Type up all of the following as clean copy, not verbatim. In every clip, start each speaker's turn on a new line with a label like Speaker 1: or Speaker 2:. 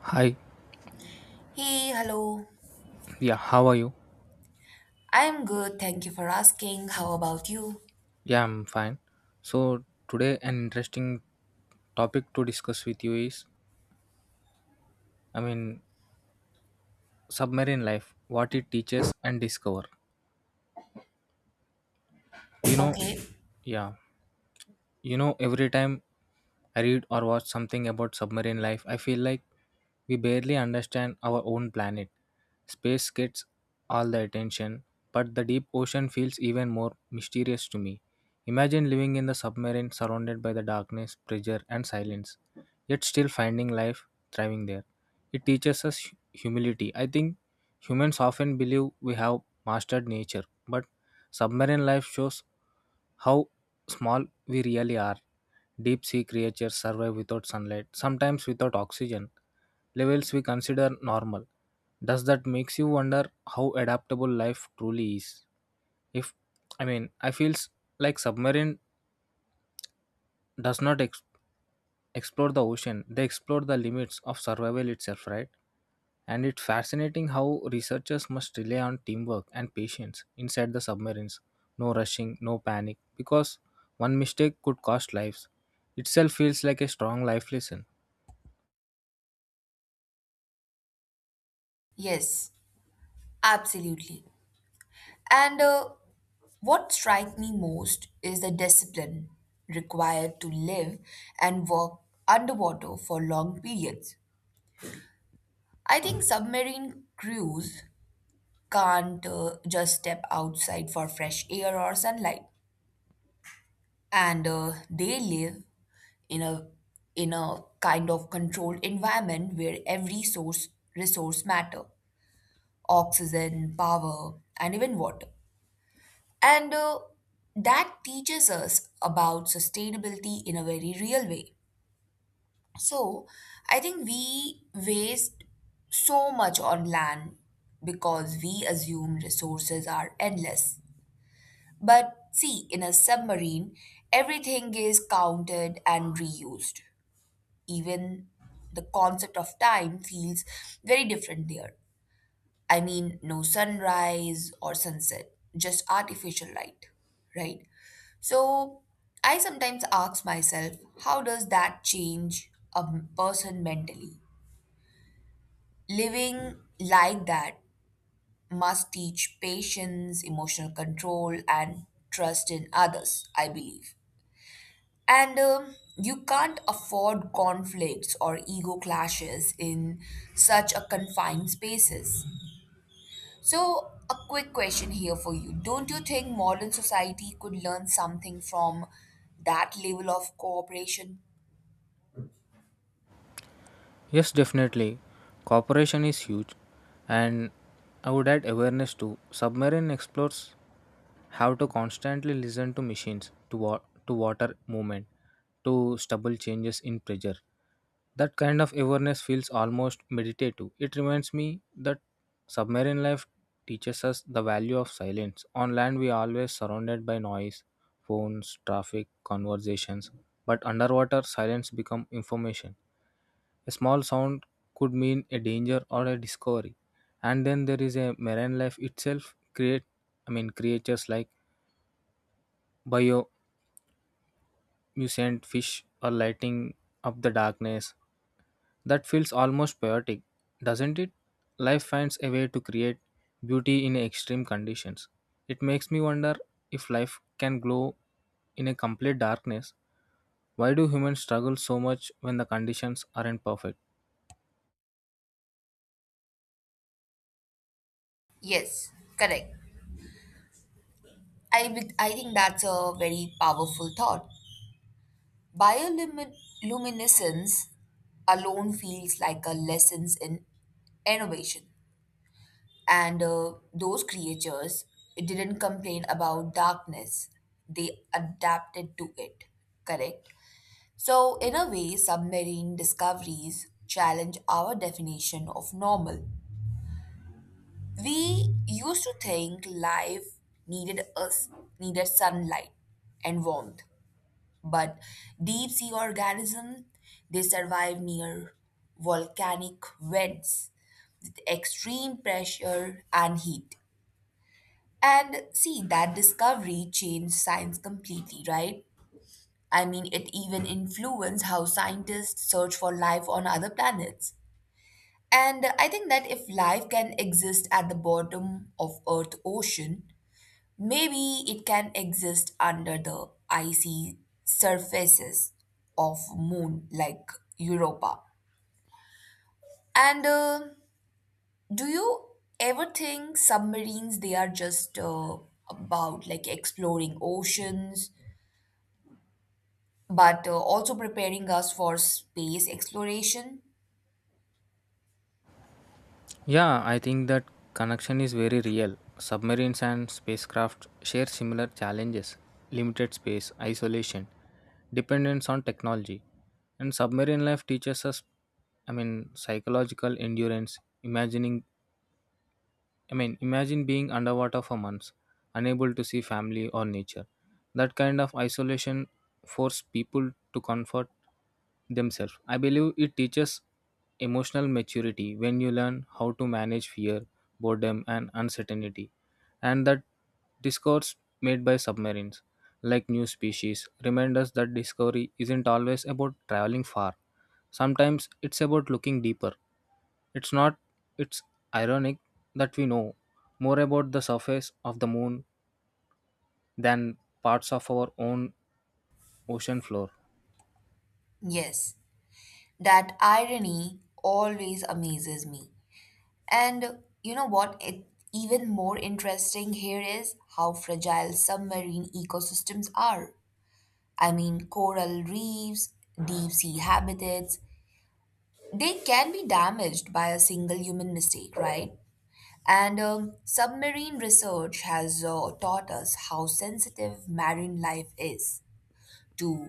Speaker 1: Hi,
Speaker 2: Hey, hello.
Speaker 1: yeah, how are you?
Speaker 2: I'm good. Thank you for asking. How about you?
Speaker 1: Yeah, I'm fine. So, today, an interesting topic to discuss with you is, I mean, submarine life, what it teaches and discover. You know,
Speaker 2: Okay.
Speaker 1: yeah. Every time I read or watch something about submarine life, I feel like we barely understand our own planet. Space gets all the attention, but the deep ocean feels even more mysterious to me. Imagine living in the submarine surrounded by the darkness, pressure, and silence, yet still finding life thriving there. It teaches us humility. I think humans often believe we have mastered nature, but submarine life shows how small we really are. Deep sea creatures survive without sunlight, sometimes without oxygen, levels we consider normal. Does that makes you wonder how adaptable life truly is? If I mean, I feels like submarine does not explore the ocean. They explore the limits of survival itself, right? And it's fascinating how researchers must rely on teamwork and patience inside the submarines. No rushing, no panic, because one mistake could cost lives. Itself feels like a strong life lesson.
Speaker 2: Yes, absolutely. And What strikes me most is the discipline required to live and work underwater for long periods. I think submarine crews can't just step outside for fresh air or sunlight, and they live in a in a kind of controlled environment where every source resource matter, oxygen, power, and even water. And That teaches us about sustainability in a very real way. So I think we waste so much on land because we assume resources are endless, but see, in a submarine everything is counted and reused. Even the concept of time feels very different there. I mean, no sunrise or sunset, just artificial light, right? So I sometimes ask myself, how does that change a person mentally? Living like that must teach patience, emotional control, and trust in others, I believe. And You can't afford conflicts or ego clashes in such a confined spaces. So, a quick question here for you. Don't you think modern society could learn something from that level of cooperation?
Speaker 1: Yes, definitely. Cooperation is huge, and I would add awareness too. Submarine explorers have to constantly listen to machines, to water movement, to stubble changes in pressure. That kind of awareness feels almost meditative. It reminds me that submarine life teaches us the value of silence. On land, we are always surrounded by noise, phones, traffic, conversations, but underwater, silence becomes information. A small sound could mean a danger or a discovery. And then there is a marine life itself, create I mean, creatures like biomucent fish are lighting up the darkness. That feels almost poetic, doesn't it? Life finds a way to create beauty in extreme conditions. It makes me wonder if life can glow in a complete darkness. Why do humans struggle so much when the conditions aren't perfect?
Speaker 2: Yes, correct. I think that's a very powerful thought. Bioluminescence alone feels like a lesson in innovation. And Those creatures didn't complain about darkness, they adapted to it, correct? So, in a way, submarine discoveries challenge our definition of normal. We used to think life needed us needed sunlight and warmth, but deep sea organisms, they survive near volcanic vents with extreme pressure and heat. And see, that discovery changed science completely, right? I mean, it even influenced how scientists search for life on other planets. And I think that if life can exist at the bottom of Earth ocean, maybe it can exist under the icy surfaces of moon like Europa. And Do you ever think submarines they are just about like exploring oceans but also preparing us for space exploration.
Speaker 1: Yeah, I think that connection is very real. Submarines and spacecraft share similar challenges: limited space, isolation, dependence on technology. And submarine life teaches us, I mean, psychological endurance. Imagining I mean, imagine being underwater for months, unable to see family or nature. That kind of isolation forces people to comfort themselves. I believe it teaches emotional maturity when you learn how to manage fear, boredom, and uncertainty. And that discourse made by submarines, like new species, remind us that discovery isn't always about traveling far. Sometimes it's about looking deeper. It's not It's ironic that we know more about the surface of the moon than parts of our own ocean floor.
Speaker 2: Yes, that irony always amazes me. And you know what? It even more interesting here is how fragile submarine ecosystems are. I mean, coral reefs, deep sea habitats, they can be damaged by a single human mistake, right? And Submarine research has taught us how sensitive marine life is to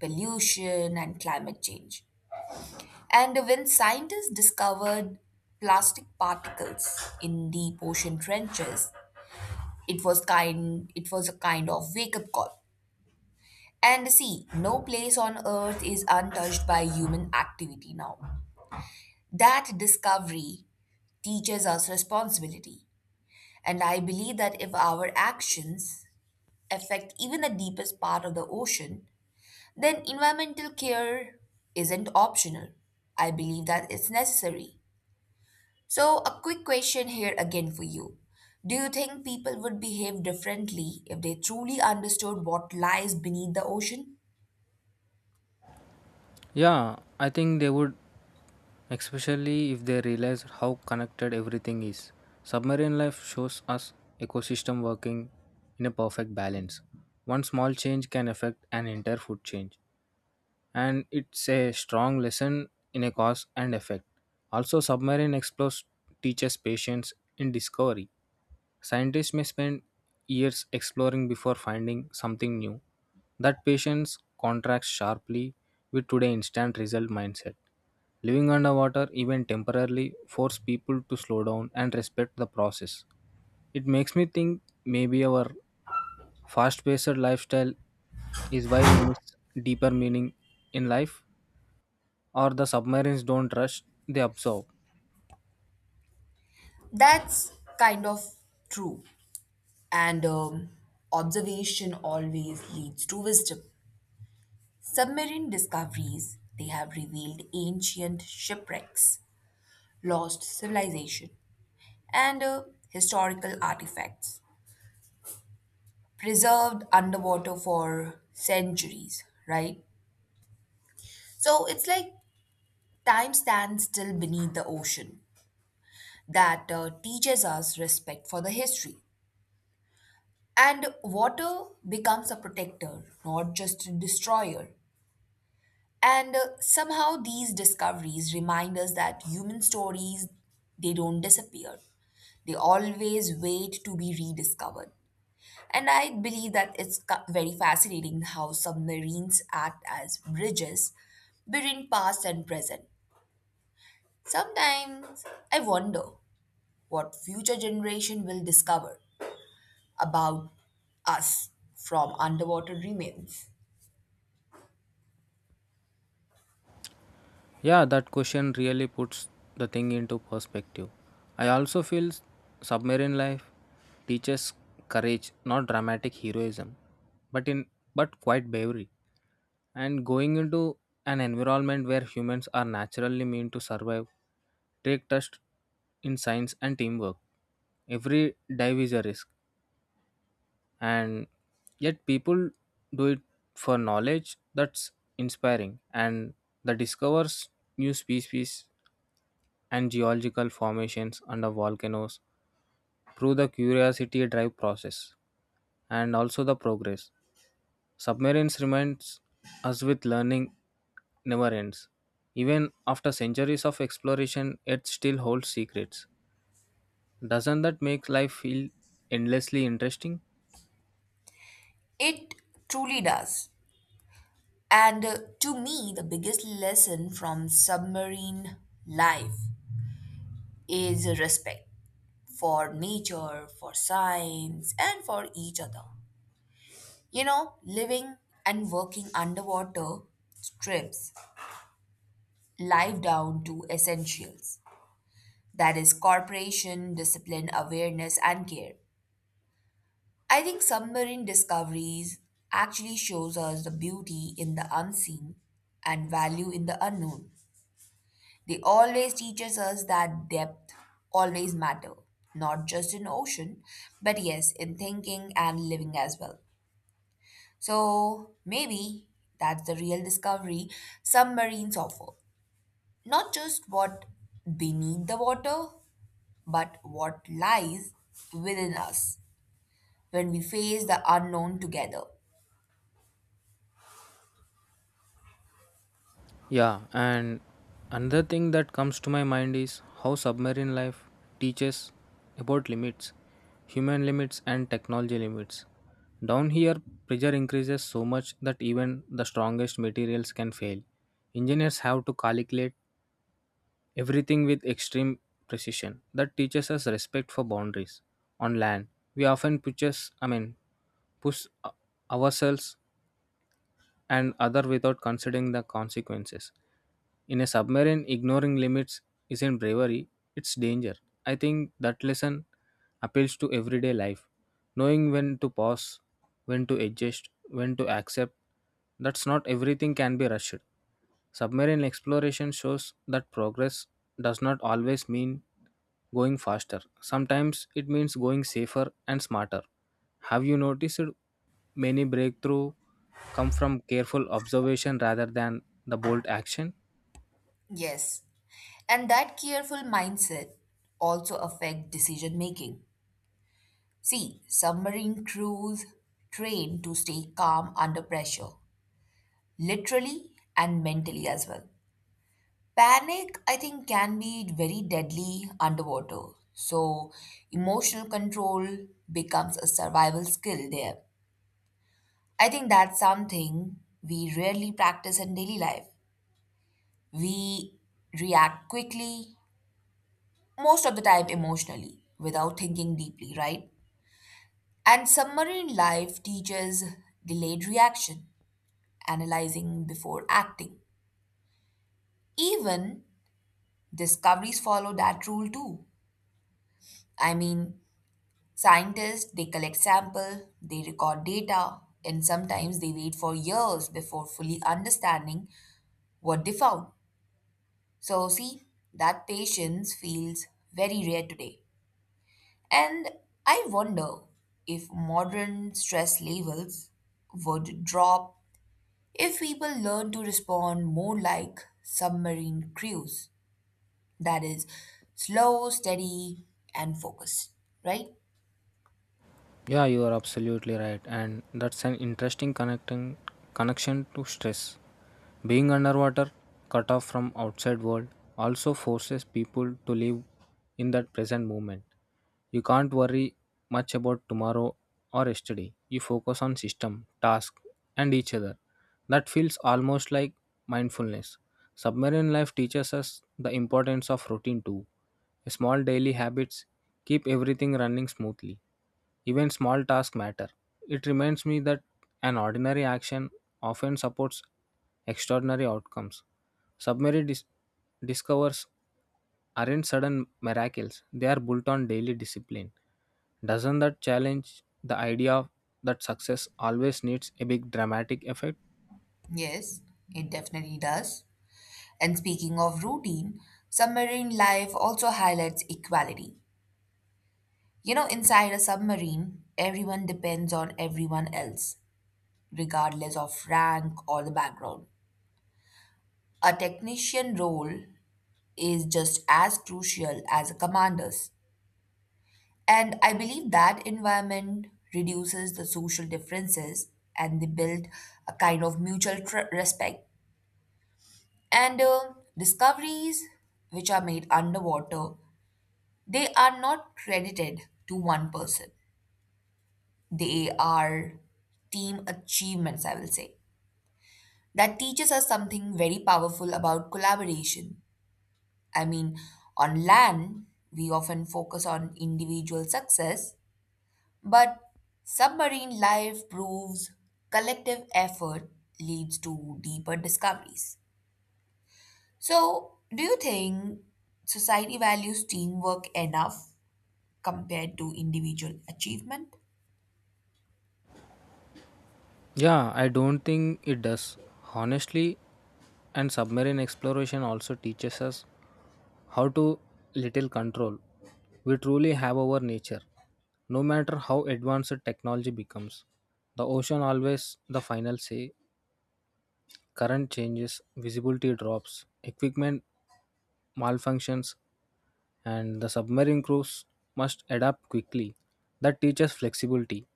Speaker 2: pollution and climate change. And when scientists discovered plastic particles in deep ocean trenches, it was a kind of wake-up call. And see, no place on earth is untouched by human activity now. That discovery teaches us responsibility. And I believe that if our actions affect even the deepest part of the ocean, then environmental care isn't optional. I believe that it's necessary. So, a quick question here again for you. Do you think people would behave differently if they truly understood what lies beneath the ocean?
Speaker 1: Yeah, I think they would, especially if they realize how connected everything is. Submarine life shows us ecosystem working in a perfect balance. One small change can affect an entire food change, and it's a strong lesson in a cause and effect. Also, submarine explores teaches patience in discovery. Scientists may spend years exploring before finding something new. That patience contrasts sharply with today's instant result mindset. Living underwater, even temporarily, force people to slow down and respect the process. It makes me think maybe our fast paced lifestyle is why we miss deeper meaning in life, or the submarines don't rush, they absorb.
Speaker 2: That's kind of true. And Observation always leads to wisdom. Submarine discoveries, they have revealed ancient shipwrecks, lost civilization, and historical artifacts preserved underwater for centuries, right? So it's like time stands still beneath the ocean, that teaches us respect for the history. And water becomes a protector, not just a destroyer. And Somehow these discoveries remind us that human stories, they don't disappear. They always wait to be rediscovered. And I believe that very fascinating how submarines act as bridges between past and present. Sometimes I wonder what future generation will discover about us from underwater remains.
Speaker 1: Yeah, that question really puts the thing into perspective. I also feel submarine life teaches courage, not dramatic heroism, but in but quite bravery. And going into an environment where humans are naturally meant to survive, take trust in science and teamwork. Every dive is a risk, and yet people do it for knowledge that's inspiring, and the discovers new species and geological formations under volcanoes through the curiosity drive process and also the progress. Submarines reminds us with learning never ends. Even after centuries of exploration, it still holds secrets. Doesn't that make life feel endlessly interesting?
Speaker 2: It truly does. And To me, the biggest lesson from submarine life is respect for nature, for science, and for each other. You know, living and working underwater strips life down to essentials. That is corporation, discipline, awareness, and care. I think submarine discoveries actually shows us the beauty in the unseen and value in the unknown. They always teaches us that depth always matter, not just in ocean, but yes, in thinking and living as well. So maybe that's the real discovery submarines offer. Not just what beneath the water, but what lies within us when we face the unknown together.
Speaker 1: Yeah, and another thing that comes to my mind is how submarine life teaches about limits, human limits, and technology limits. Down here, pressure increases so much that even the strongest materials can fail. Engineers have to calculate everything with extreme precision. That teaches us respect for boundaries. On land, we often I mean, push ourselves and other without considering the consequences. In a submarine, ignoring limits isn't bravery, it's danger. I think that lesson appeals to everyday life. Knowing when to pause, when to adjust, when to accept, that's not everything can be rushed. Submarine exploration shows that progress does not always mean going faster. Sometimes it means going safer and smarter. Have you noticed many breakthrough come from careful observation rather than the bold action?
Speaker 2: Yes. And that careful mindset also affect decision making. See, submarine crews train to stay calm under pressure, literally and mentally as well. Panic, I think, can be very deadly underwater. So, emotional control becomes a survival skill there. I think that's something we rarely practice in daily life. We react quickly, most of the time emotionally, without thinking deeply, right? And submarine life teaches delayed reaction, analyzing before acting. Even discoveries follow that rule too. I mean, scientists, they collect sample, they record data, and sometimes they wait for years before fully understanding what they found. So, see, that patience feels very rare today. And I wonder if modern stress levels would drop if people learn to respond more like submarine crews. That is, slow, steady, and focused, right?
Speaker 1: Yeah, you are absolutely right, and that's an interesting connecting connection to stress. Being underwater, cut off from outside world, also forces people to live in that present moment. You can't worry much about tomorrow or yesterday. You focus on system, task, and each other. That feels almost like mindfulness. Submarine life teaches us the importance of routine too. Small daily habits keep everything running smoothly. Even small tasks matter. It reminds me that an ordinary action often supports extraordinary outcomes. Submarine discovers aren't sudden miracles, they are built on daily discipline. Doesn't that challenge the idea that success always needs a big dramatic effect?
Speaker 2: Yes, it definitely does. And speaking of routine, submarine life also highlights equality. You know, inside a submarine, everyone depends on everyone else, regardless of rank or the background. A technician role is just as crucial as a commander's. And I believe that environment reduces the social differences and they build a kind of respect. And Discoveries which are made underwater, they are not credited to one person. They are team achievements, I will say. That teaches us something very powerful about collaboration. I mean, on land, we often focus on individual success, but submarine life proves collective effort leads to deeper discoveries. So, do you think society values teamwork enough compared to individual achievement?
Speaker 1: Yeah, I don't think it does. Honestly, and submarine exploration also teaches us how to little control we truly have over nature. No matter how advanced technology becomes, the ocean always the final say. Current changes, visibility drops, equipment malfunctions, and the submarine crews must adapt quickly. That teaches flexibility.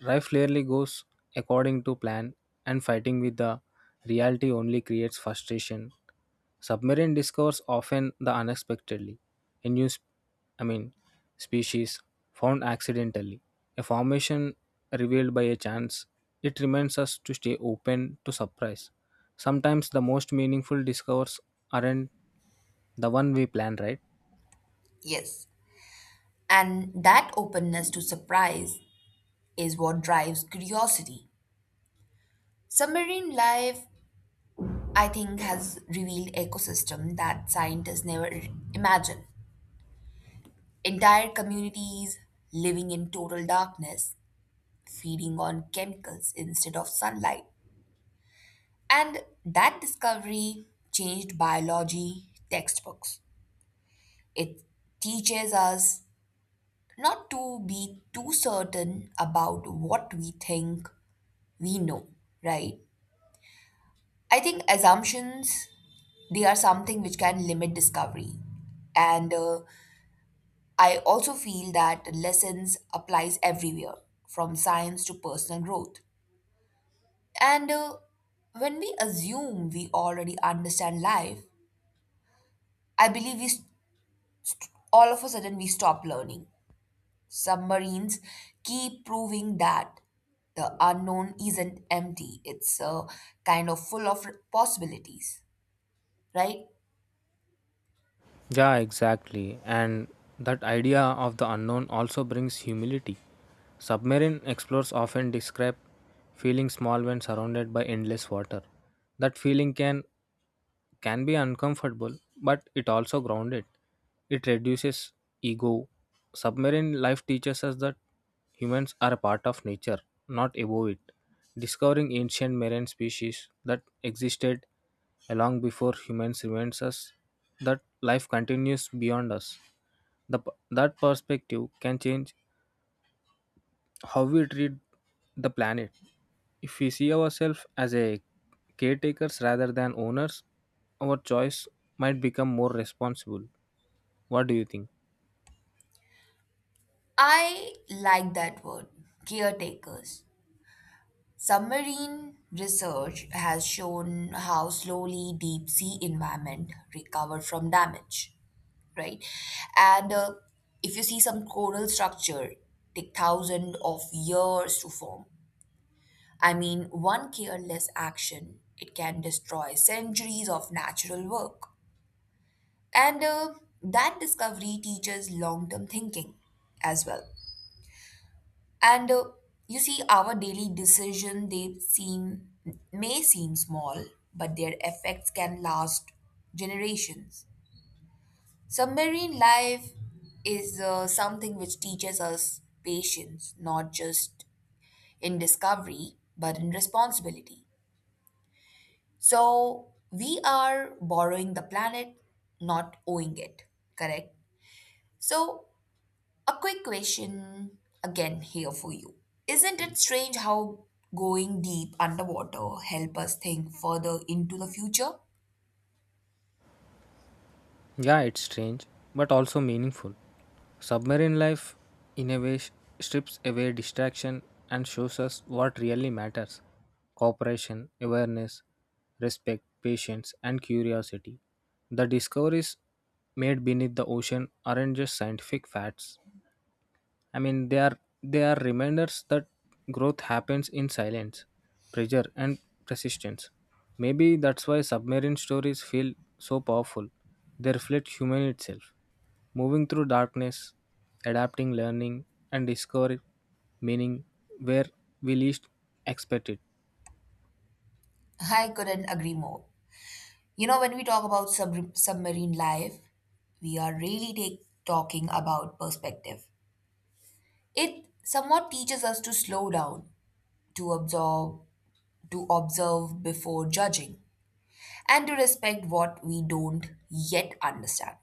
Speaker 1: Life rarely goes according to plan, and fighting with the reality only creates frustration. Submarine discovers often the unexpectedly, a new, I mean, species found accidentally, a formation revealed by a chance. It reminds us to stay open to surprise. Sometimes the most meaningful discoveries aren't the one we plan, right?
Speaker 2: Yes. And that openness to surprise is what drives curiosity. Submarine life, I think, has revealed ecosystem that scientists never imagined. Entire communities living in total darkness, feeding on chemicals instead of sunlight. And that discovery changed biology textbooks. It teaches us not to be too certain about what we think we know, right? I think assumptions, they are something which can limit discovery, and I also feel that lessons applies everywhere from science to personal growth. And When we assume we already understand life, I believe all of a sudden we stop learning. Submarines keep proving that the unknown isn't empty; it's kind of full of possibilities, right?
Speaker 1: Yeah, exactly. And that idea of the unknown also brings humility. Submarine explorers often describe feeling small when surrounded by endless water. That feeling can be uncomfortable, but it also grounded. It reduces ego. Submarine life teaches us that humans are a part of nature, not above it. Discovering ancient marine species that existed long before humans reminds us that life continues beyond us. That perspective can change how we treat the planet. If we see ourselves as a caretakers rather than owners, our choice might become more responsible. What do you think?
Speaker 2: I like that word, caretakers. Submarine research has shown how slowly deep sea environment recover from damage, right? And If you see some coral structure take thousands of years to form. I mean, one careless action it can destroy centuries of natural work. And That discovery teaches long-term thinking as well. And You see, our daily decision they seem may seem small, but their effects can last generations. Submarine life is something which teaches us patience, not just in discovery, but in responsibility. So we are borrowing the planet, not owing it. Correct. So, a quick question again here for you. Isn't it strange how going deep underwater help us think further into the future?
Speaker 1: Yeah, it's strange, but also meaningful. Submarine life, in a way, strips away distraction and shows us what really matters: cooperation, awareness, respect, patience, and curiosity. The discoveries made beneath the ocean aren't just scientific facts, I mean, they are reminders that growth happens in silence, pressure, and persistence. Maybe that's why submarine stories feel so powerful. They reflect human itself, moving through darkness, adapting, learning, and discovering meaning where we least expect it.
Speaker 2: I couldn't agree more. You know, when we talk about submarine life, we are talking about perspective. It somewhat teaches us to slow down, to absorb, to observe before judging, and to respect what we don't yet understand.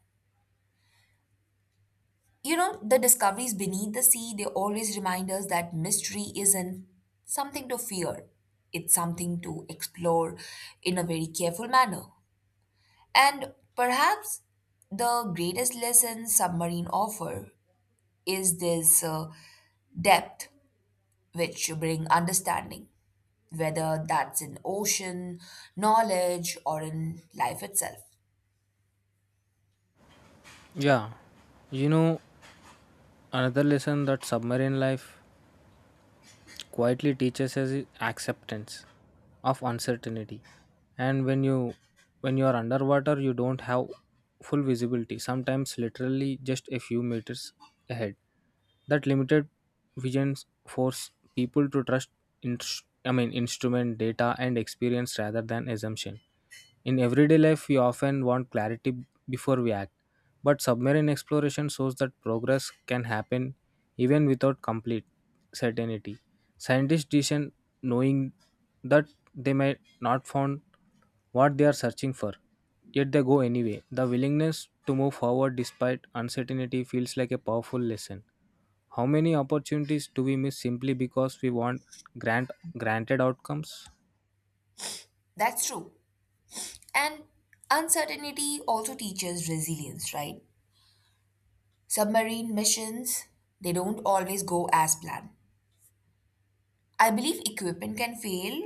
Speaker 2: You know, the discoveries beneath the sea, they always remind us that mystery isn't something to fear. It's something to explore in a very careful manner. And perhaps the greatest lesson submarine offer is this depth which bring understanding, whether that's in ocean, knowledge, or in life itself.
Speaker 1: Yeah, you know, another lesson that submarine life quietly teaches us is acceptance of uncertainty. And when you are underwater, you don't have full visibility. Sometimes literally just a few meters ahead. That limited vision force people to trust in, I mean, instrument data and experience rather than assumption. In everyday life, we often want clarity before we act, but submarine exploration shows that progress can happen even without complete certainty. Scientists descend knowing that they may not find what they are searching for, yet they go anyway. The willingness to move forward despite uncertainty feels like a powerful lesson. How many opportunities do we miss simply because we want grant granted outcomes?
Speaker 2: That's true. And uncertainty also teaches resilience, right? Submarine missions, they don't always go as planned. I believe equipment can fail,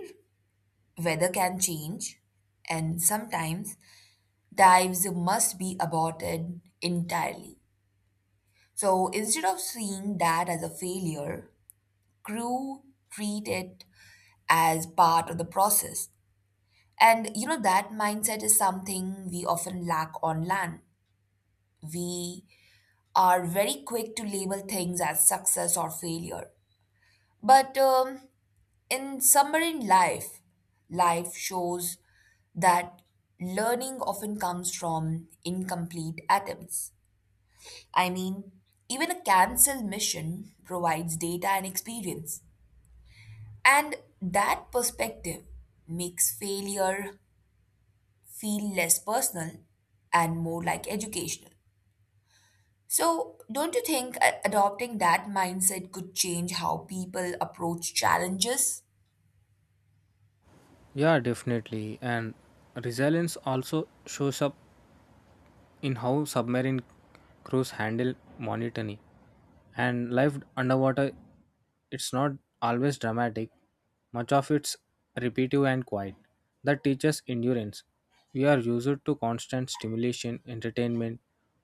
Speaker 2: weather can change, and sometimes dives must be aborted entirely. So instead of seeing that as a failure, crew treat it as part of the process. And you know, that mindset is something we often lack on land. We are very quick to label things as success or failure. But In submarine life, life shows that learning often comes from incomplete atoms. I mean, even a cancel mission provides data and experience. And that perspective makes failure feel less personal and more like educational. So, don't you think adopting that mindset could change how people approach challenges?
Speaker 1: Yeah, definitely. And resilience also shows up in how submarine crews handle monotony. And life underwater, it's not always dramatic. Much of it's repetitive and quiet. That teaches endurance. We are used to constant stimulation, entertainment,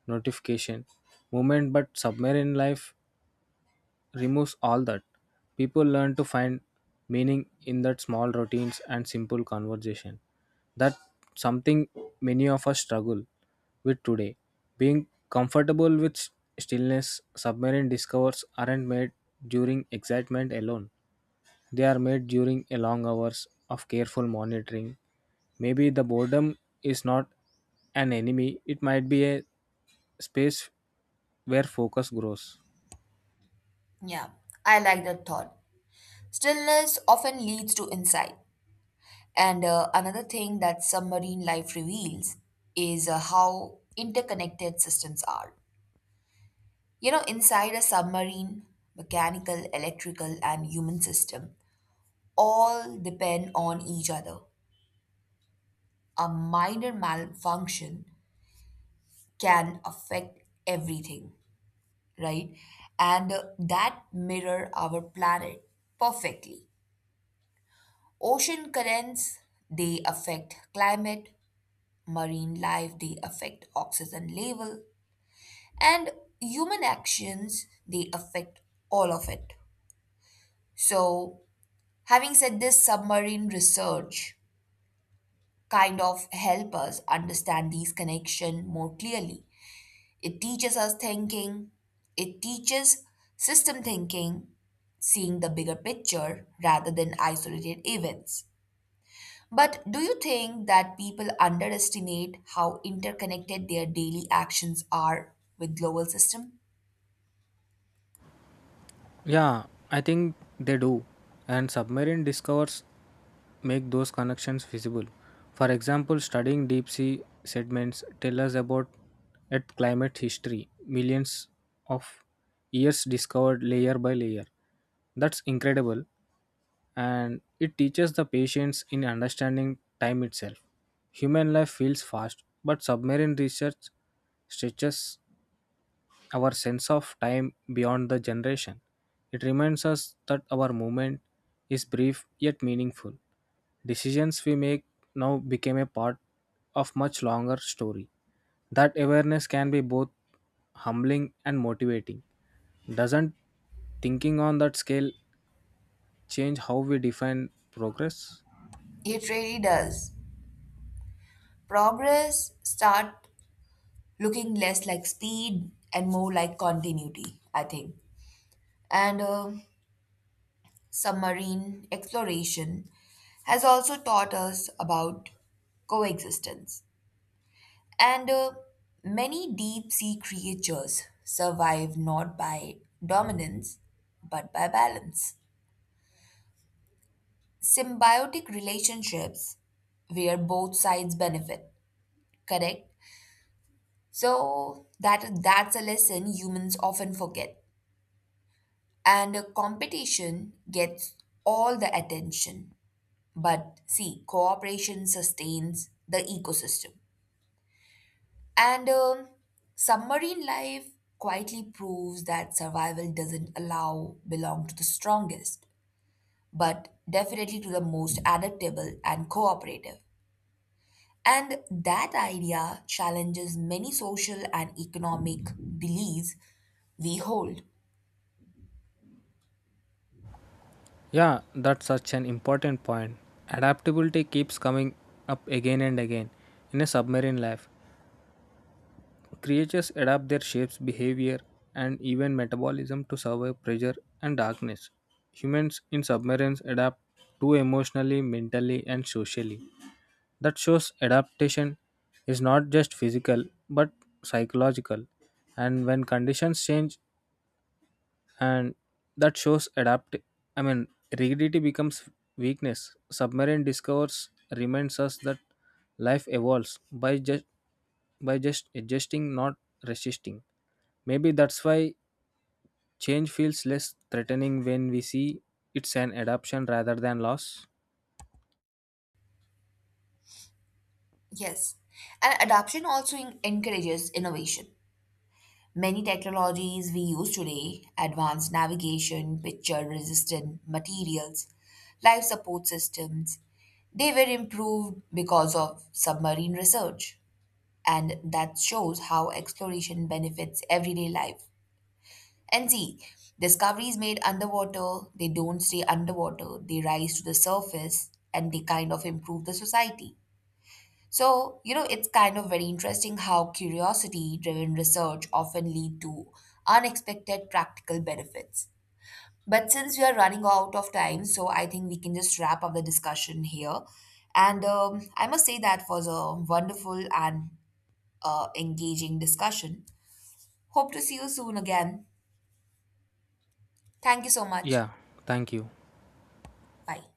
Speaker 1: notification, movement, but submarine life removes all that. People learn to find meaning in that small routines and simple conversation. That something many of us struggle with today. Being comfortable with stillness. Submarine discovers aren't made during excitement alone. They are made during a long hours of careful monitoring. Maybe the boredom is not an enemy, it might be a space where focus grows.
Speaker 2: Yeah, I like that thought. Stillness often leads to insight. And Another thing that submarine life reveals is how interconnected systems are. You know, inside a submarine, mechanical, electrical, and human system all depend on each other. A minor malfunction can affect everything, right? And That mirror our planet perfectly. Ocean currents, they affect climate, marine life they affect oxygen level, and human actions they affect all of it. So, having said this, submarine research kind of help us understand these connection more clearly. it teaches us thinking it teaches system thinking, seeing the bigger picture rather than isolated events. But do you think that people underestimate how interconnected their daily actions are with global system?
Speaker 1: Yeah, I think they do. And submarine discovers make those connections visible. For example, studying deep sea sediments tell us about Earth climate history, millions of years discovered layer by layer. That's incredible, and it teaches the patience in understanding time itself. Human life feels fast, but submarine research stretches our sense of time beyond the generation. It reminds us that our moment is brief yet meaningful. Decisions we make now became a part of much longer story. That awareness can be both humbling and motivating. Doesn't thinking on that scale change how we define progress?
Speaker 2: It really does. Progress start looking less like speed and more like continuity, I think. And Submarine exploration has also taught us about coexistence. And Many deep sea creatures survive not by dominance but by balance, symbiotic relationships where both sides benefit, correct? So that's a lesson humans often forget, and competition gets all the attention, but see, cooperation sustains the ecosystem. And Submarine life quietly proves that survival doesn't allow belong to the strongest, but definitely to the most adaptable and cooperative. And that idea challenges many social and economic beliefs we hold.
Speaker 1: Yeah, that's such an important point. Adaptability keeps coming up again and again in a submarine life. Creatures adapt their shapes, behavior, and even metabolism to survive pressure and darkness. Humans in submarines adapt too emotionally, mentally, and socially. That shows adaptation is not just physical but psychological, and when conditions change, and that shows adapt I mean, rigidity becomes weakness. Submarine discourse reminds us that life evolves by just adjusting, not resisting. Maybe that's why change feels less threatening when we see it's an adaptation rather than loss.
Speaker 2: Yes. And adoption also encourages innovation. Many technologies we use today, advanced navigation, picture resistant materials, life support systems, they were improved because of submarine research. And that shows how exploration benefits everyday life. And see, discoveries made underwater, they don't stay underwater, they rise to the surface and they kind of improve the society. So, you know, it's kind of very interesting how curiosity driven research often lead to unexpected practical benefits. But since we are running out of time, so I think we can just wrap up the discussion here. And I must say that was a wonderful and engaging discussion. Hope to see you soon again. Thank you so much.
Speaker 1: Yeah, thank you.
Speaker 2: Bye.